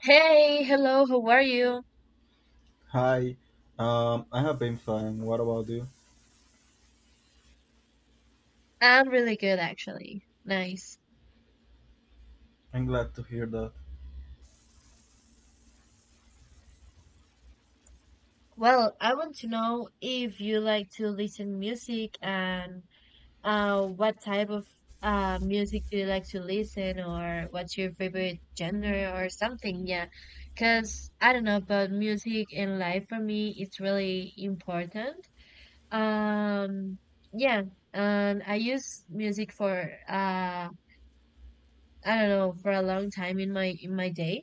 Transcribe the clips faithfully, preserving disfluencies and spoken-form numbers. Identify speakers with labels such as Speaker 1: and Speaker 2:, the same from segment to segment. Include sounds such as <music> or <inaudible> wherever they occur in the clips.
Speaker 1: Hey, hello, how are you?
Speaker 2: Hi, um, I have been fine. What about you?
Speaker 1: I'm really good actually. Nice.
Speaker 2: I'm glad to hear that.
Speaker 1: Well, I want to know if you like to listen music and uh what type of uh music do you like to listen or what's your favorite genre or something, yeah. 'Cause I don't know, but music in life for me it's really important. Um yeah, and I use music for uh I don't know, for a long time in my in my day.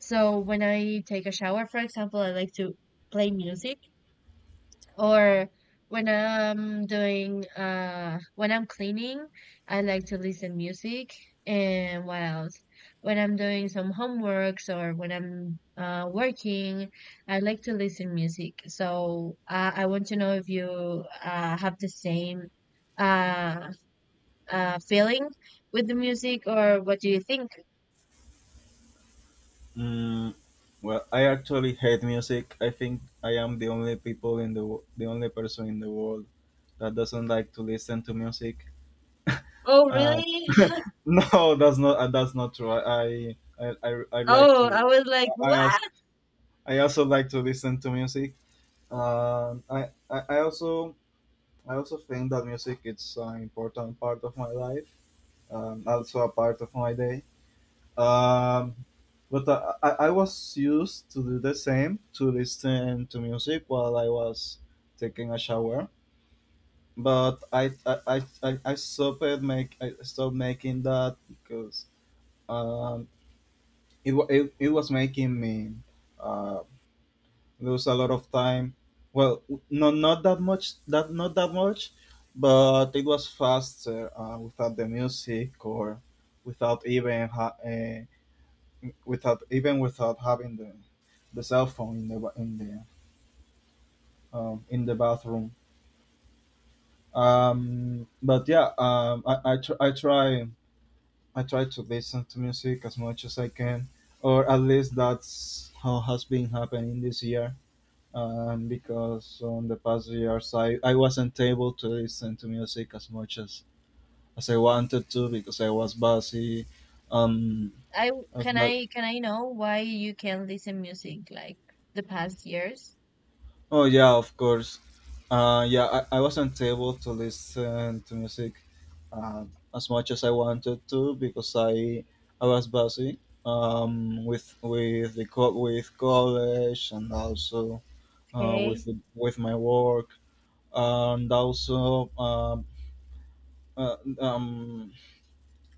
Speaker 1: So when I take a shower, for example, I like to play music or when I'm doing uh when I'm cleaning, I like to listen music. And what else? When I'm doing some homeworks or when I'm uh working, I like to listen music. So uh, I want to know if you uh have the same uh uh feeling with the music or what do you think?
Speaker 2: Mm, well, I actually hate music. I think I am the only people in the wo- the only person in the world that doesn't like to listen to music.
Speaker 1: Oh,
Speaker 2: Uh,
Speaker 1: really?
Speaker 2: <laughs>
Speaker 1: <laughs>
Speaker 2: no, that's not uh, that's not true. I I, I, I like
Speaker 1: Oh,
Speaker 2: to.
Speaker 1: I was like,
Speaker 2: I also
Speaker 1: what?
Speaker 2: I also like to listen to music. Um, I, I I also I also think that music is an important part of my life. Um, also a part of my day. Um, but I, I I was used to do the same to listen to music while I was taking a shower. But I I, I, I I stopped make I stopped making that because um, it, wa- it it was making me uh, lose a lot of time. Well, no, not that much. That not that much, but it was faster uh, without the music or without even ha- uh, without even without having the the cell phone in the in the um, in the bathroom. Um, but yeah, um, I I, tr- I try I try to listen to music as much as I can, or at least that's how has been happening this year. Um, because on the past years I, I wasn't able to listen to music as much as, as I wanted to because I was busy. Um,
Speaker 1: I w-
Speaker 2: I was,
Speaker 1: can
Speaker 2: bu-
Speaker 1: I can I know why you can listen music like the past years?
Speaker 2: Oh yeah, of course. Uh, yeah, I, I wasn't able to listen to music uh, as much as I wanted to because I I was busy um, with with the co- with college and also uh, with
Speaker 1: Okay.
Speaker 2: the, with my work and also um, uh, um,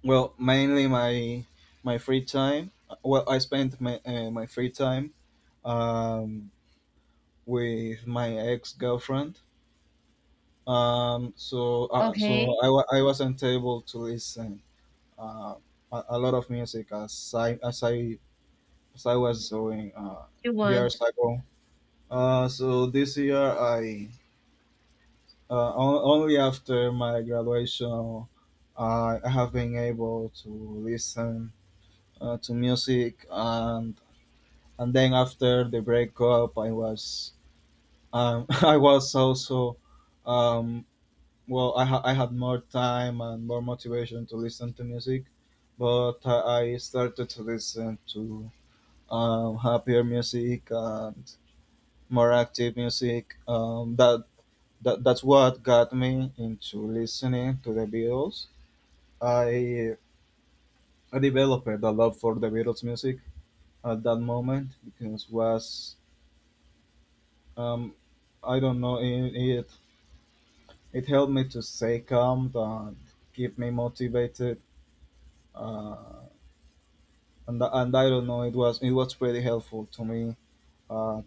Speaker 2: well mainly my my free time. Well, I spent my uh, my free time um, with my ex girlfriend. Um, so uh, so
Speaker 1: Okay,
Speaker 2: I, wa- I wasn't able to listen uh, a, a lot of music as I as I as I was doing uh,
Speaker 1: you want
Speaker 2: years ago. Uh, so this year I uh, on- only after my graduation I I have been able to listen uh, to music, and and then after the breakup I was um, <laughs> I was also um, well I, ha- I had more time and more motivation to listen to music, but i I started to listen to um, happier music and more active music, um, that, that that's what got me into listening to the Beatles. I i developed a love for the Beatles music at that moment because was um, I don't know, it, it it helped me to stay calm and keep me motivated, uh, and and I don't know. It was it was pretty helpful to me. Uh,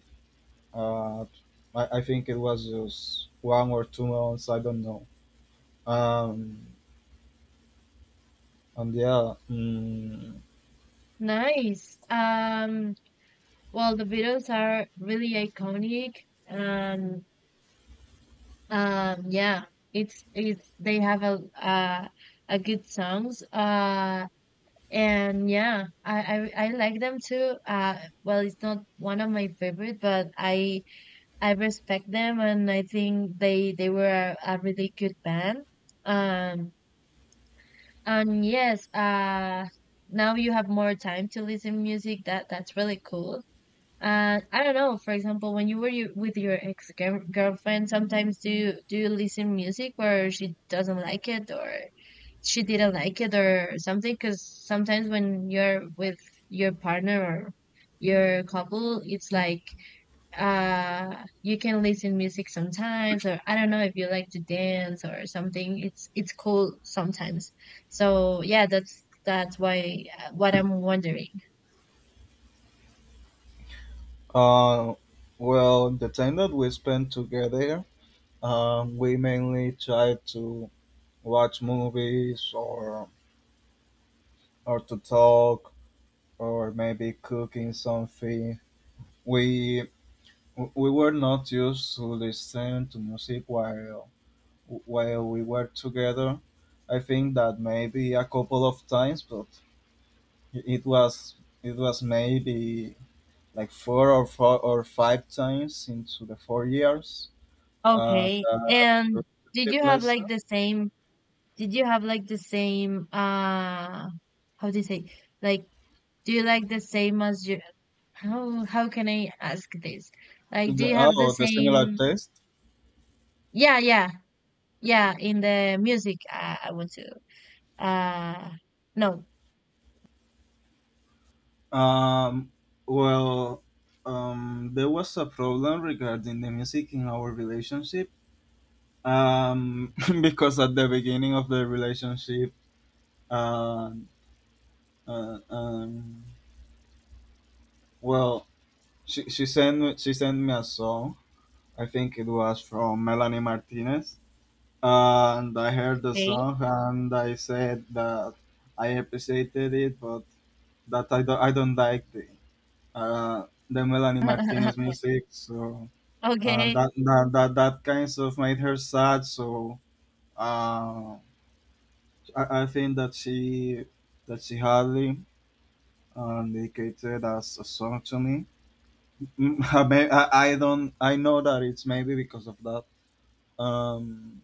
Speaker 2: uh, I, I think it was just one or two months. I don't know. Um, and yeah. Mm,
Speaker 1: nice. Um, well, the Beatles are really iconic, and um, yeah, it's it's they have a uh, a good songs. Uh, and yeah, I I, I like them too. Uh, well, it's not one of my favorite, but I I respect them, and I think they they were a really good band. Um, and yes, uh, now you have more time to listen music. That that's really cool. Uh, I don't know. For example, when you were you, with your ex girlfriend, sometimes do you, do you listen music where she doesn't like it or she didn't like it or something? Because sometimes when you're with your partner or your couple, it's like uh you can listen music sometimes, or I don't know if you like to dance or something. it's it's cool sometimes, so yeah, that's that's why uh, what I'm wondering.
Speaker 2: uh, well, the time that we spent together, um, we mainly tried to watch movies or or to talk or maybe cooking something. We we were not used to listen to music while while we were together. I think that maybe a couple of times, but it was it was maybe like four or four or five times into the four years. Uh,
Speaker 1: Okay,
Speaker 2: the
Speaker 1: and did
Speaker 2: relationship
Speaker 1: you have
Speaker 2: lesson.
Speaker 1: like the same did you have like the same uh how do you say, like, do you like the same as your, how how can I ask this, like, do
Speaker 2: The,
Speaker 1: you have the
Speaker 2: oh, the similar
Speaker 1: same,
Speaker 2: test.
Speaker 1: yeah yeah yeah, in the music, uh, I want to uh no.
Speaker 2: Um, well, um, there was a problem regarding the music in our relationship. Um, <laughs> because at the beginning of the relationship, uh, uh, um, well, she, she sent me, she sent me a song. I think it was from Melanie Martinez, and I heard the
Speaker 1: Okay.
Speaker 2: song and I said that I appreciated it, but that I don't I don't like the uh, the Melanie Martinez
Speaker 1: <laughs>
Speaker 2: music. So uh,
Speaker 1: Okay.
Speaker 2: that, that that that kind of made her sad. So uh, I, I think that she that she hardly uh, dedicated as a song to me. Mm, <laughs> I, may- I I don't. I know that it's maybe because of that. Um,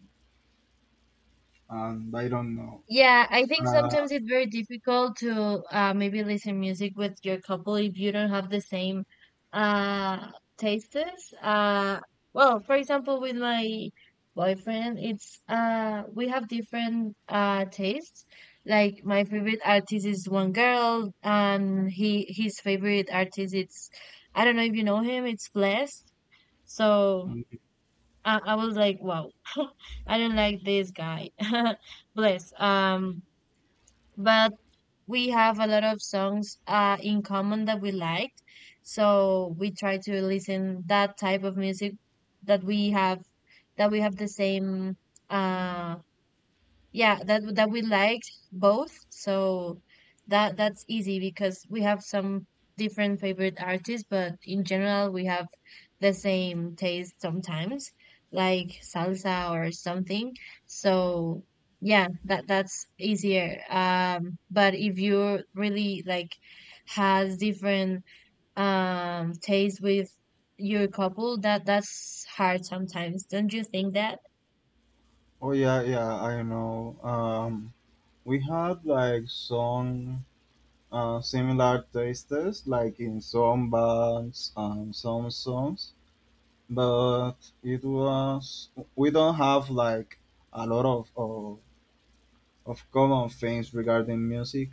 Speaker 2: and I don't know.
Speaker 1: Yeah, I think
Speaker 2: Uh,
Speaker 1: sometimes it's very difficult to uh, maybe listen music with your couple if you don't have the same uh tastes. Uh, well, for example, with my boyfriend, it's uh we have different uh tastes. Like my favorite artist is one girl, and he his favorite artist it's I don't know if you know him, it's Blessed. So.
Speaker 2: um,
Speaker 1: I, I was like, wow, <laughs> I don't like this guy. <laughs> Bless. Um, but we have a lot of songs uh in common that we like, so we try to listen that type of music that we have that we have the same uh yeah, that that we liked both. So that that's easy because we have some different favorite artists, but in general we have the same taste sometimes, like salsa or something. So yeah, that that's easier. Um, but if you really like has different um taste with your couple, that that's hard sometimes. Don't you think that?
Speaker 2: oh yeah, yeah. I know. Um, we had like some uh, similar tastes, like in some bands and some songs, but it was we don't have like a lot of of, of common things regarding music.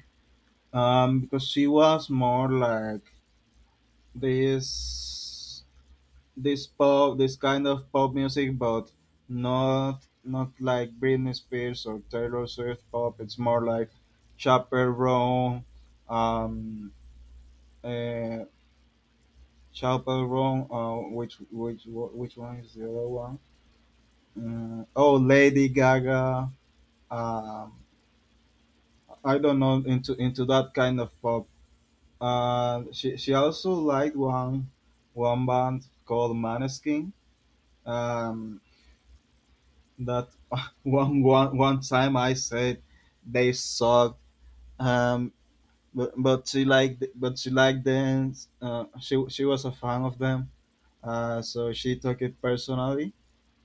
Speaker 2: Um, because she was more like this this pop this kind of pop music but not not like Britney Spears or Taylor Swift pop, it's more like Chaperone, um uh, Chaperone, uh, which which wh- which one is the other one? Uh, oh, Lady Gaga. um I don't know, into into that kind of pop. Uh she she also liked one one band called Maneskin. um that <laughs> one one one time I said they suck. Um, but but she liked but she liked dance. Uh, she she was a fan of them. Uh, so she took it personally.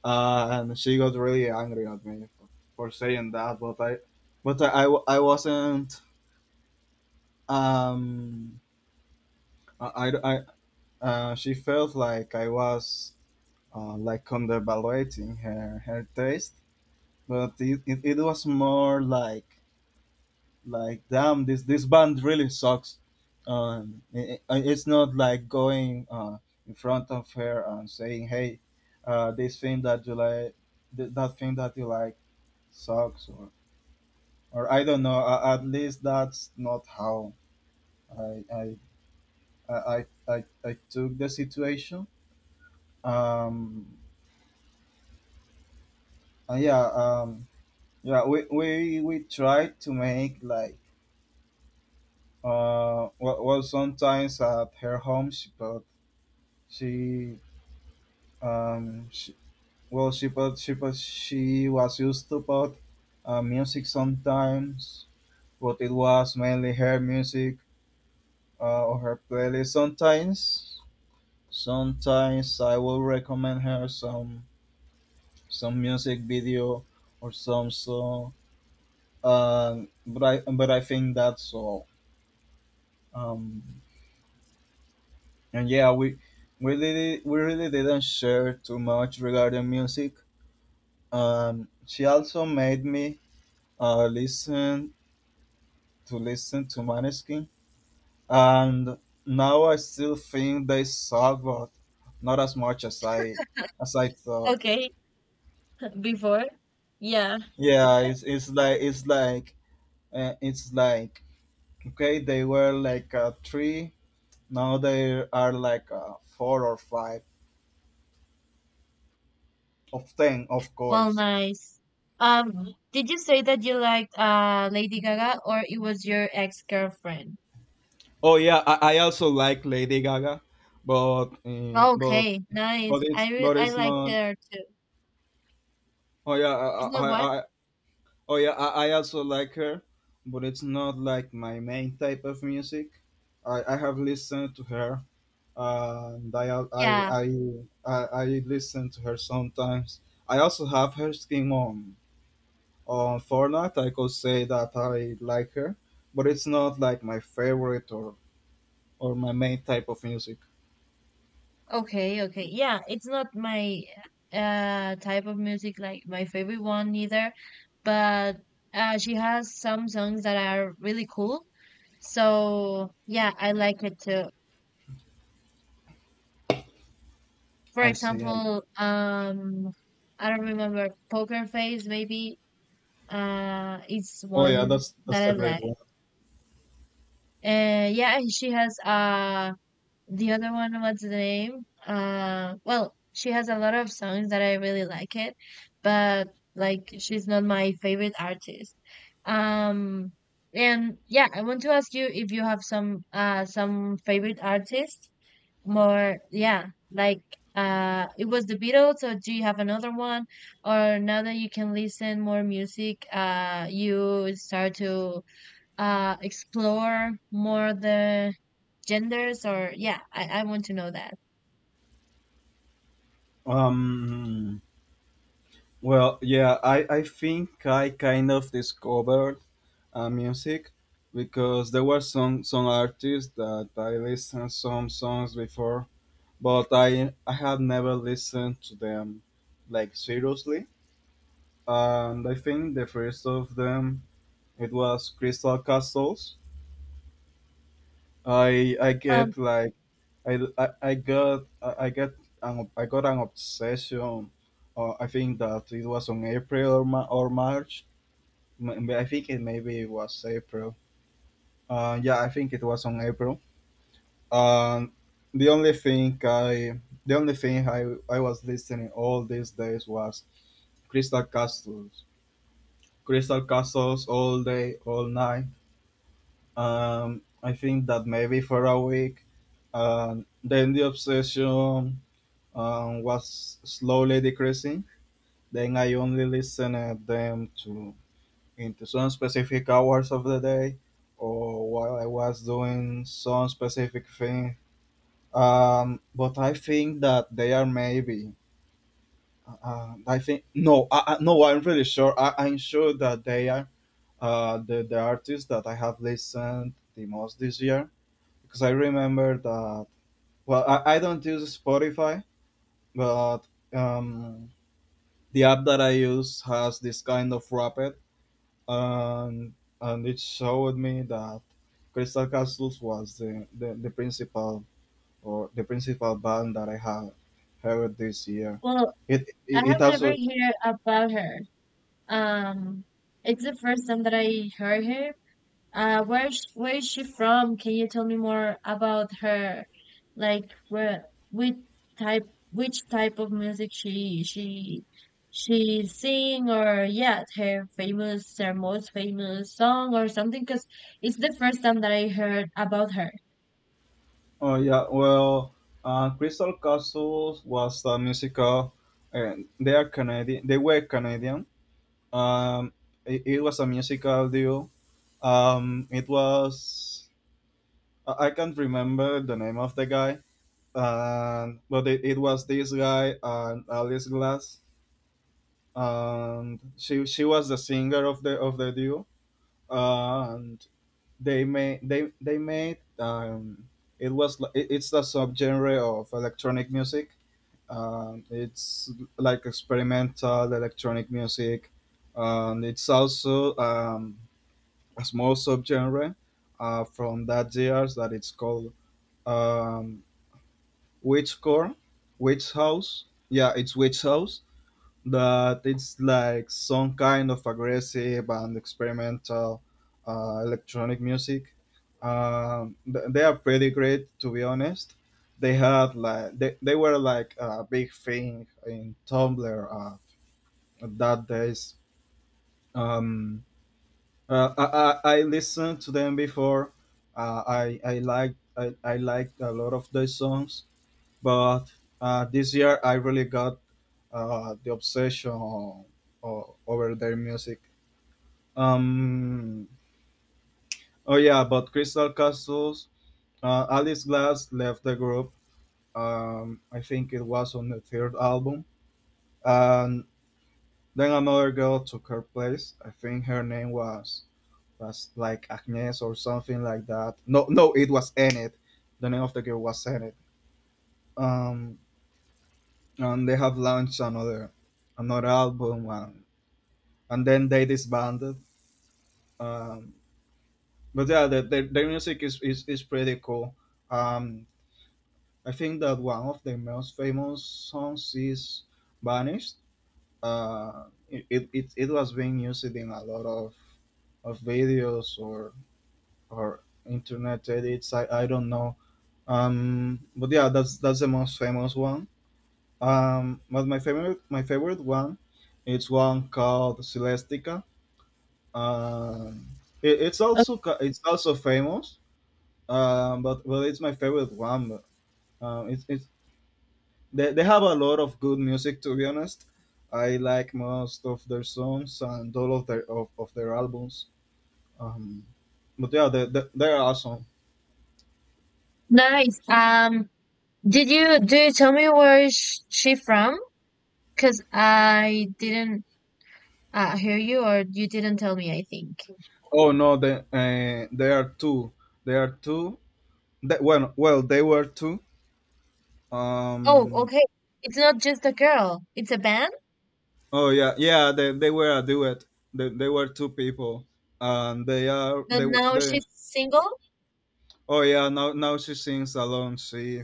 Speaker 2: Uh, and she got really angry at me for, for saying that. But I, but I, I, w- I wasn't. Um, I, I, I- uh, she felt like I was uh, like undervaluating her her taste. But it, it, it was more like like damn this this band really sucks. Um it, it- it's not like going uh in front of her and saying hey, uh this thing that you like th- that thing that you like sucks or or I don't know, uh, at least that's not how i i i i, I, I took the situation, um and yeah, um yeah, we we we tried to make like, uh well, well sometimes at her home she- but she Um, she, well, she but she but she was used to put uh, music sometimes, but it was mainly her music uh, or her playlist. Sometimes, sometimes I will recommend her some some music video or some song. Um, but I but I think that's all. Um, and yeah, we we really we really didn't share too much regarding music. Um, she also made me uh, listen to listen to Maneskin, and now I still think they suck, but not as much as I as I thought.
Speaker 1: Okay, <laughs> before. Yeah.
Speaker 2: Yeah, it's it's like it's like uh, it's like okay, they were like uh, three, now they are like uh, four or five of ten, of
Speaker 1: Well,
Speaker 2: course.
Speaker 1: nice. Um, did you say that you liked uh Lady Gaga or it was your ex-girlfriend?
Speaker 2: Oh yeah, I, I also like Lady Gaga, but um, but
Speaker 1: Okay,
Speaker 2: but
Speaker 1: nice.
Speaker 2: it's
Speaker 1: I re
Speaker 2: but
Speaker 1: I
Speaker 2: it's
Speaker 1: like
Speaker 2: not.
Speaker 1: her too.
Speaker 2: Oh yeah,
Speaker 1: It's not what?
Speaker 2: I I Oh yeah, I, I also like her, but it's not like my main type of music. I, I have listened to her, and I I
Speaker 1: Yeah.
Speaker 2: I I, I listen to her sometimes. I also have her skin on on Fortnite. I could say that I like her, but it's not like my favorite or or my main type of music.
Speaker 1: Okay, okay. Yeah, it's not my uh type of music like my favorite one either, but uh she has some songs that are really cool. So, yeah, I like it too. For
Speaker 2: I see. It.
Speaker 1: example, um, I don't remember, Poker Face maybe. Uh, it's
Speaker 2: Oh yeah,
Speaker 1: one
Speaker 2: that's
Speaker 1: that
Speaker 2: that's
Speaker 1: I
Speaker 2: a great one.
Speaker 1: like. Uh, yeah, she has uh the other one. What's the name? Uh, well, she has a lot of songs that I really like it, but like she's not my favorite artist. Um, and yeah, I want to ask you if you have some uh some favorite artists more, yeah, like uh it was the Beatles. So, do you have another one or now that you can listen more music uh you start to uh explore more the genders? Or yeah, i, I want to know that.
Speaker 2: Um, Well, yeah, I, I think I kind of discovered uh, music because there were some, some artists that I listened some songs before, but I I have never listened to them like seriously. And I think the first of them it was Crystal Castles. I I get
Speaker 1: Um,
Speaker 2: like I, I, I got I I get an, I got an obsession. Uh, I think that it was on April, or Ma- or March. M- I think it maybe it was April. Uh, yeah, I think it was on April. Um, the only thing I, the only thing I, I was listening all these days was Crystal Castles, Crystal Castles all day, all night. Um, I think that maybe for a week. Um, then the obsession um, was slowly decreasing. Then I only listened them to into some specific hours of the day or while I was doing some specific thing. Um, but I think that they are maybe. Uh, I think no, I, I- No. I'm really sure. I, I'm sure that they are uh, the the artists that I have listened the most this year because I remember that. Well, I, I don't use Spotify, but um, the app that I use has this kind of rapid, and and it showed me that Crystal Castles was the, the, the principal or the principal band that I have heard this year.
Speaker 1: well,
Speaker 2: It
Speaker 1: I
Speaker 2: it, it
Speaker 1: have never
Speaker 2: also
Speaker 1: heard about her. Um, it's the first time that I heard her. Uh, where's where is she from? Can you tell me more about her? Like where, which type which type of music she she she sing? Or yeah, her famous, her most famous song or something? Because it's the first time that I heard about her.
Speaker 2: oh yeah well uh, Crystal Castles was a musical, and they are Canadian, they were Canadian. um it, it was a musical duo. Um it was I I can't remember the name of the guy, and but it, it was this guy and Alice Glass, and she she was the singer of the of the duo, and they made they they made um, it was li- it, it's the subgenre of electronic music. Um, it's like experimental electronic music, and it's also um, a small subgenre uh, from that years that it's called um, Witch Core, Witch House. Yeah, it's Witch House. That it's like some kind of aggressive and experimental uh, electronic music. Um, th- they are pretty great, to be honest. They had like they, they were like a big thing in Tumblr, uh, that days. Um, uh, I, I I listened to them before. Uh, I I like I, I liked a lot of their songs but uh, this year, I really got uh, the obsession o- over their music. Um, oh yeah, but Crystal Castles, uh, Alice Glass left the group. Um, I think it was on the third album, and then another girl took her place. I think her name was was like Agnes or something like that. No, no, it was Enid. The name of the girl was Enid. Um, and they have launched another another album. and. And then they disbanded. Um, but yeah, the, the, their music is, is, is pretty cool. Um, I think that one of their most famous songs is "Vanished." Uh, it, it, it it was being used in a lot of of videos or or internet edits. I, I don't know. Um, but yeah, that's that's the most famous one. Um, but my favorite my favorite one, it's one called Celestica. Um, it, it's
Speaker 1: Oh,
Speaker 2: also ca- it's also famous, um, but well, it's my favorite one. Um, it's it's they, they have a lot of good music. To be honest, I like most of their songs and all of their of, of their albums. Um, but yeah, they, they, they are awesome.
Speaker 1: nice. Um, did you do you tell me where is sh- she from? Because I didn't uh, hear you, or you didn't tell me, I think.
Speaker 2: Oh no, they uh, they are two. They are two. They, well, well, they were two.
Speaker 1: Oh,
Speaker 2: Um.
Speaker 1: okay. It's not just a girl. It's a band.
Speaker 2: Oh yeah, yeah. They, they were a duet. They, they were two people, and they are
Speaker 1: But
Speaker 2: they
Speaker 1: now
Speaker 2: they
Speaker 1: she's single?
Speaker 2: oh yeah, now now she sings alone. She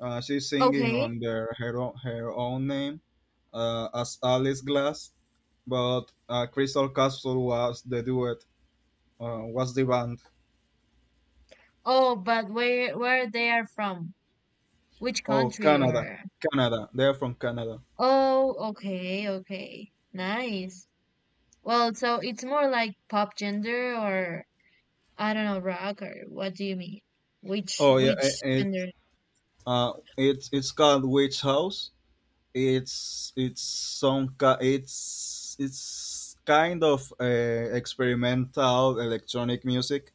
Speaker 2: uh, She's singing
Speaker 1: Okay.
Speaker 2: on their her own, her own name, uh, as Alice Glass, but uh, Crystal Castle was the duet. Uh, was the band?
Speaker 1: Oh, but where where they are from? Which
Speaker 2: Oh,
Speaker 1: country
Speaker 2: Canada,
Speaker 1: or?
Speaker 2: Canada. They're from Canada.
Speaker 1: Oh, okay, okay. Nice. Well, so it's more like pop gender or I don't know, rock? Or what do you mean? Which
Speaker 2: Oh yeah, it,
Speaker 1: which
Speaker 2: it
Speaker 1: gender?
Speaker 2: uh it's it's called Witch House. It's it's some ki- it's it's kind of uh, experimental electronic music.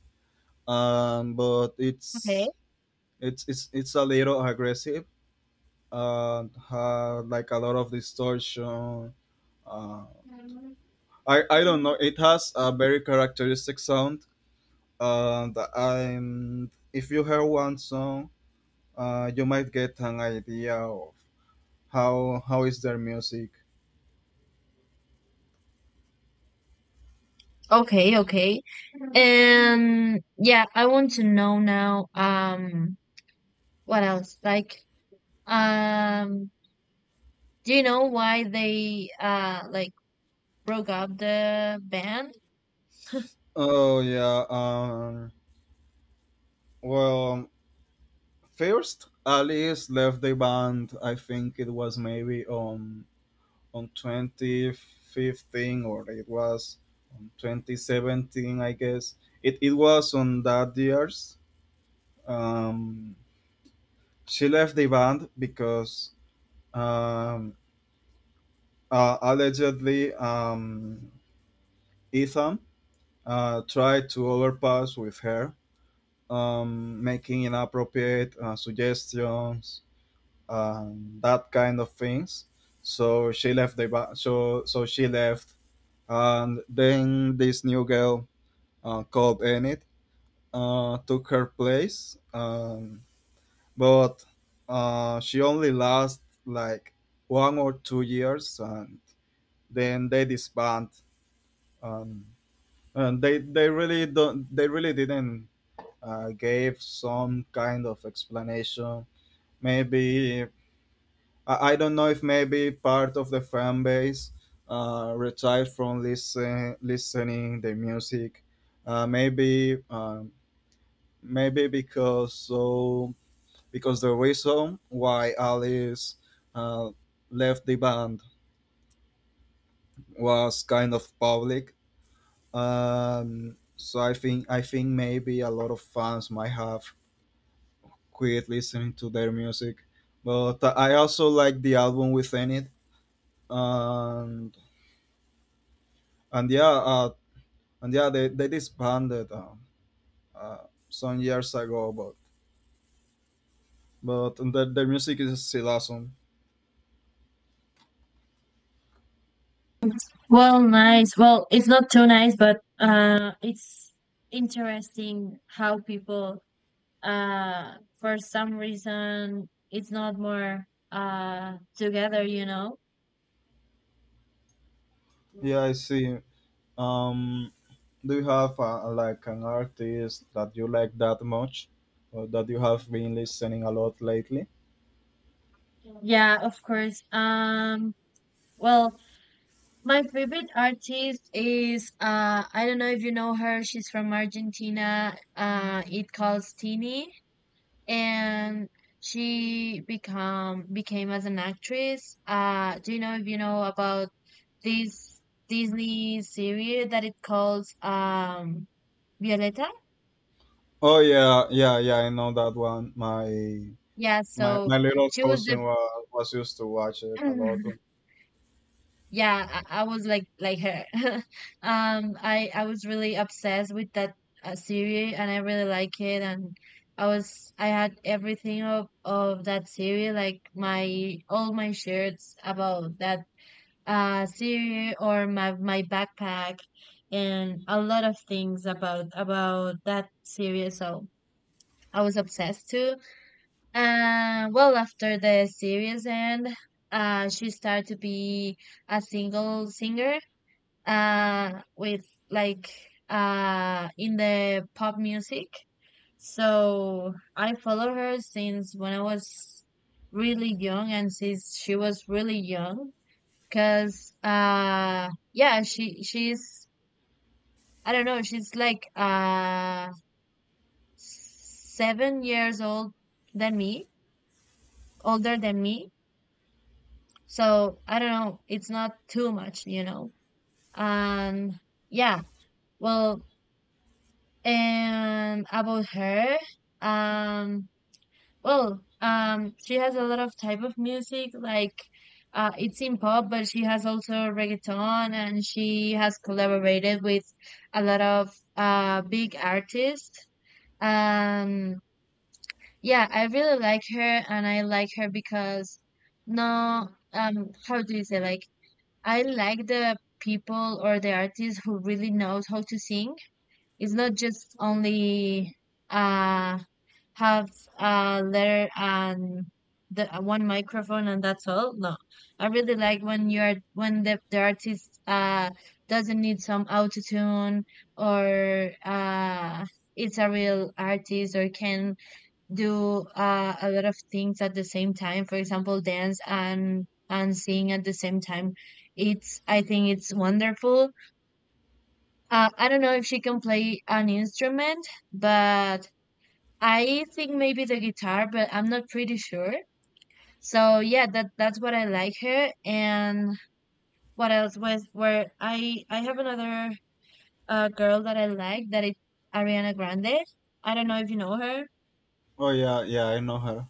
Speaker 2: Um, but
Speaker 1: Okay.
Speaker 2: it's it's it's it's a little aggressive, uh had like a lot of distortion. Uh i i don't know, it has a very characteristic sound, and I'm if you hear one song, uh you might get an idea of how how is their music.
Speaker 1: Okay, okay. And yeah, I want to know now, um, what else? Like, um, do you know why they uh like broke up the band?
Speaker 2: oh yeah um well, first Alice left the band. I think it was maybe on on twenty fifteen or it was on twenty seventeen, I guess. It, it was on that years. um, she left the band because, um, uh, allegedly, um, Ethan uh, tried to overpass with her, um, making inappropriate uh, suggestions, um, that kind of things. So she left the ba- so so she left, and then this new girl uh, called Enid uh, took her place. Um, but uh, she only lasted like one or two years, and then they disband. Um, and they they really don't they really didn't uh, gave some kind of explanation. Maybe I, I don't know if maybe part of the fan base uh, retired from listen, listening the music. Uh, maybe uh, Maybe because, so, because the reason why Alice uh, left the band was kind of public. Um, so I think I think maybe a lot of fans might have quit listening to their music, but I also like the album within it, and and yeah, uh, and yeah, they, they disbanded uh, uh, some years ago, but but their, their music is still awesome.
Speaker 1: Well, nice. Well, it's not too nice, but uh, it's interesting how people, uh, for some reason, it's not more uh together. You know?
Speaker 2: Yeah, I see. Um, do you have uh, like an artist that you like that much, or that you have been listening a lot lately?
Speaker 1: Yeah, of course. Um. Well, my favorite artist is uh I don't know if you know her. She's from Argentina. Uh, it calls Tini. And she become became as an actress. Uh, do you know, if you know about this Disney series that it calls um Violeta?
Speaker 2: Oh yeah, yeah, yeah. I know that one. My
Speaker 1: Yeah,
Speaker 2: my
Speaker 1: so
Speaker 2: my little
Speaker 1: she was the
Speaker 2: cousin was was used to watch it a lot.
Speaker 1: <laughs> yeah, I, I was like like her. <laughs> Um, I I was really obsessed with that uh, series, and I really like it, and I was I had everything of of that series, like my all my shirts about that uh cereal or my my backpack and a lot of things about about that series. So I was obsessed too. Uh, well after the series end, uh she started to be a single singer uh with like uh in the pop music. So I follow her since when I was really young and since she was really young. 'Cause uh yeah, she she's I don't know, she's like uh seven years old than me, older than me. So I don't know, it's not too much, you know. Um yeah, well, and about her, um, well, um, she has a lot of type of music, like uh, it's in pop, but she has also reggaeton, and she has collaborated with a lot of uh, big artists. Um, yeah, I really like her, and I like her because no, um, how do you say? Like, I like the people or the artists who really knows how to sing. It's not just only uh have a letter and the uh, one microphone and that's all. No, I really like when you're when the the artist uh doesn't need some auto tune or uh it's a real artist or can do uh, a lot of things at the same time. For example, dance and and sing at the same time. It's I think it's wonderful. Uh, I don't know if she can play an instrument, but I think maybe the guitar, but I'm not pretty sure. So yeah, that that's what I like her. And what else was where I I have another uh girl that I like that is Ariana Grande. I don't know if you know her.
Speaker 2: Oh yeah, yeah. I know her.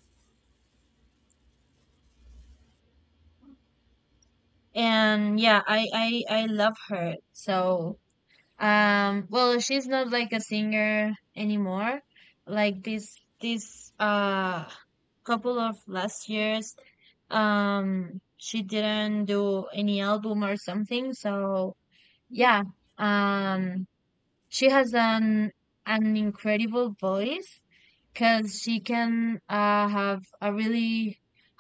Speaker 1: And yeah, I I I love her. So, um, well, she's not like a singer anymore. Like this, this uh couple of last years, um, she didn't do any album or something. So yeah, um, she has an an incredible voice because she can uh have a really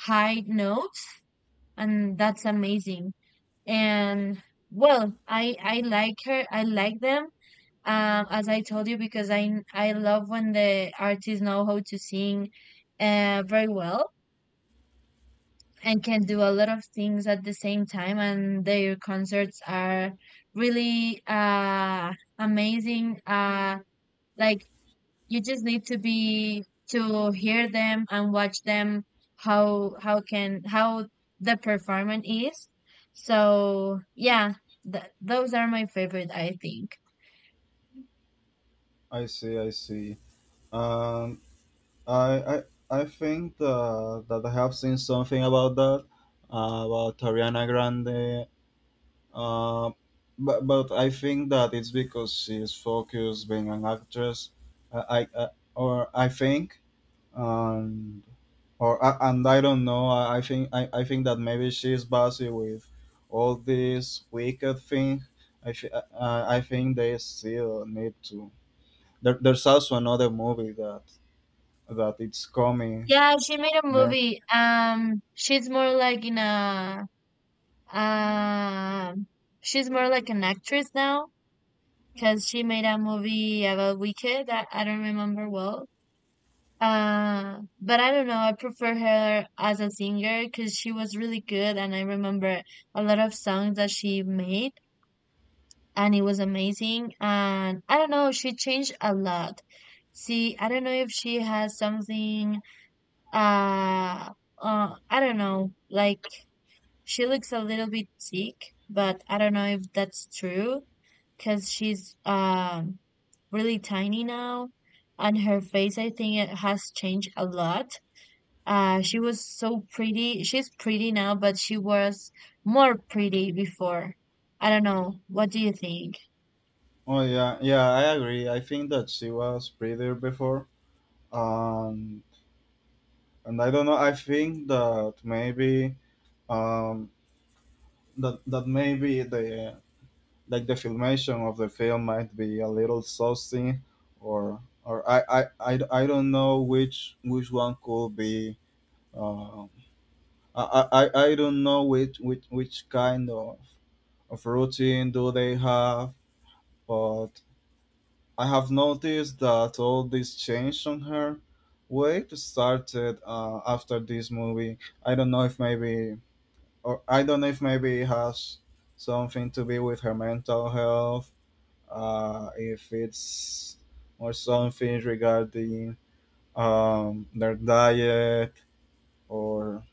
Speaker 1: high note, and that's amazing. And well, I I like her. I like them um as I told you because i I love when the artists know how to sing uh very well and can do a lot of things at the same time, and their concerts are really uh amazing. Uh like, you just need to be to hear them and watch them how how can how the performance is. So yeah, th- those are my favorite, I think.
Speaker 2: I see. I see. Um, I I I think uh, that I have seen something about that, uh, about Ariana Grande. Uh, but, but I think that it's because she's focused being an actress. I, I uh, or I think and or I- and I don't know. I, I think I, I think that maybe she's busy with all this Wicked thing. I th- uh, uh, I think they still need to. There, there's also another movie that that it's coming
Speaker 1: Yeah, she made a
Speaker 2: next.
Speaker 1: movie. Um, she's more like in a um, she's more like an actress now because she made a movie about Wicked that I don't remember well. Uh, but I don't know. I prefer her as a singer because she was really good, and I remember a lot of songs that she made, and it was amazing. And I don't know, she changed a lot. See, I don't know if she has something uh, uh I don't know. Like she looks a little bit sick, but I don't know if that's true because she's um really tiny now, and her face I think it has changed a lot. Uh, she was so pretty. She's pretty now, but she was more pretty before. I don't know. What do you think?
Speaker 2: Oh yeah, yeah, I agree. I think that she was prettier before. Um, and I don't know. I think that maybe, um, that that maybe the like the filmation of the film might be a little saucy, or or I I, I, I don't know which which one could be. Um, I, I I I don't know which which which kind of of routine do they have, but I have noticed that all this change on her weight started uh, after this movie. I don't know if maybe, or I don't know if maybe it has something to be with her mental health, uh, if it's or something regarding um, their diet or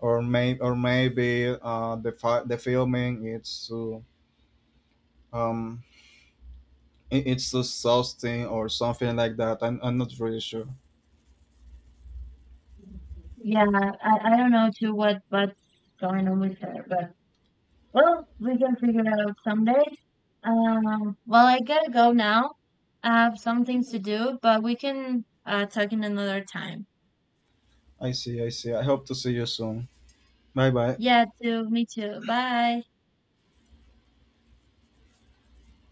Speaker 2: or may or maybe uh, the fi- the filming it's to, um it- it's to sustain or something like that. I'm I'm not really sure.
Speaker 1: Yeah, I, I don't know too what what's going on with her, but well, we can figure it out someday. Um, well, I gotta go now. I have some things to do, but we can uh, talk in another time.
Speaker 2: I see, I see. I hope to see you soon. Bye bye.
Speaker 1: Yeah, too. Me too. Bye.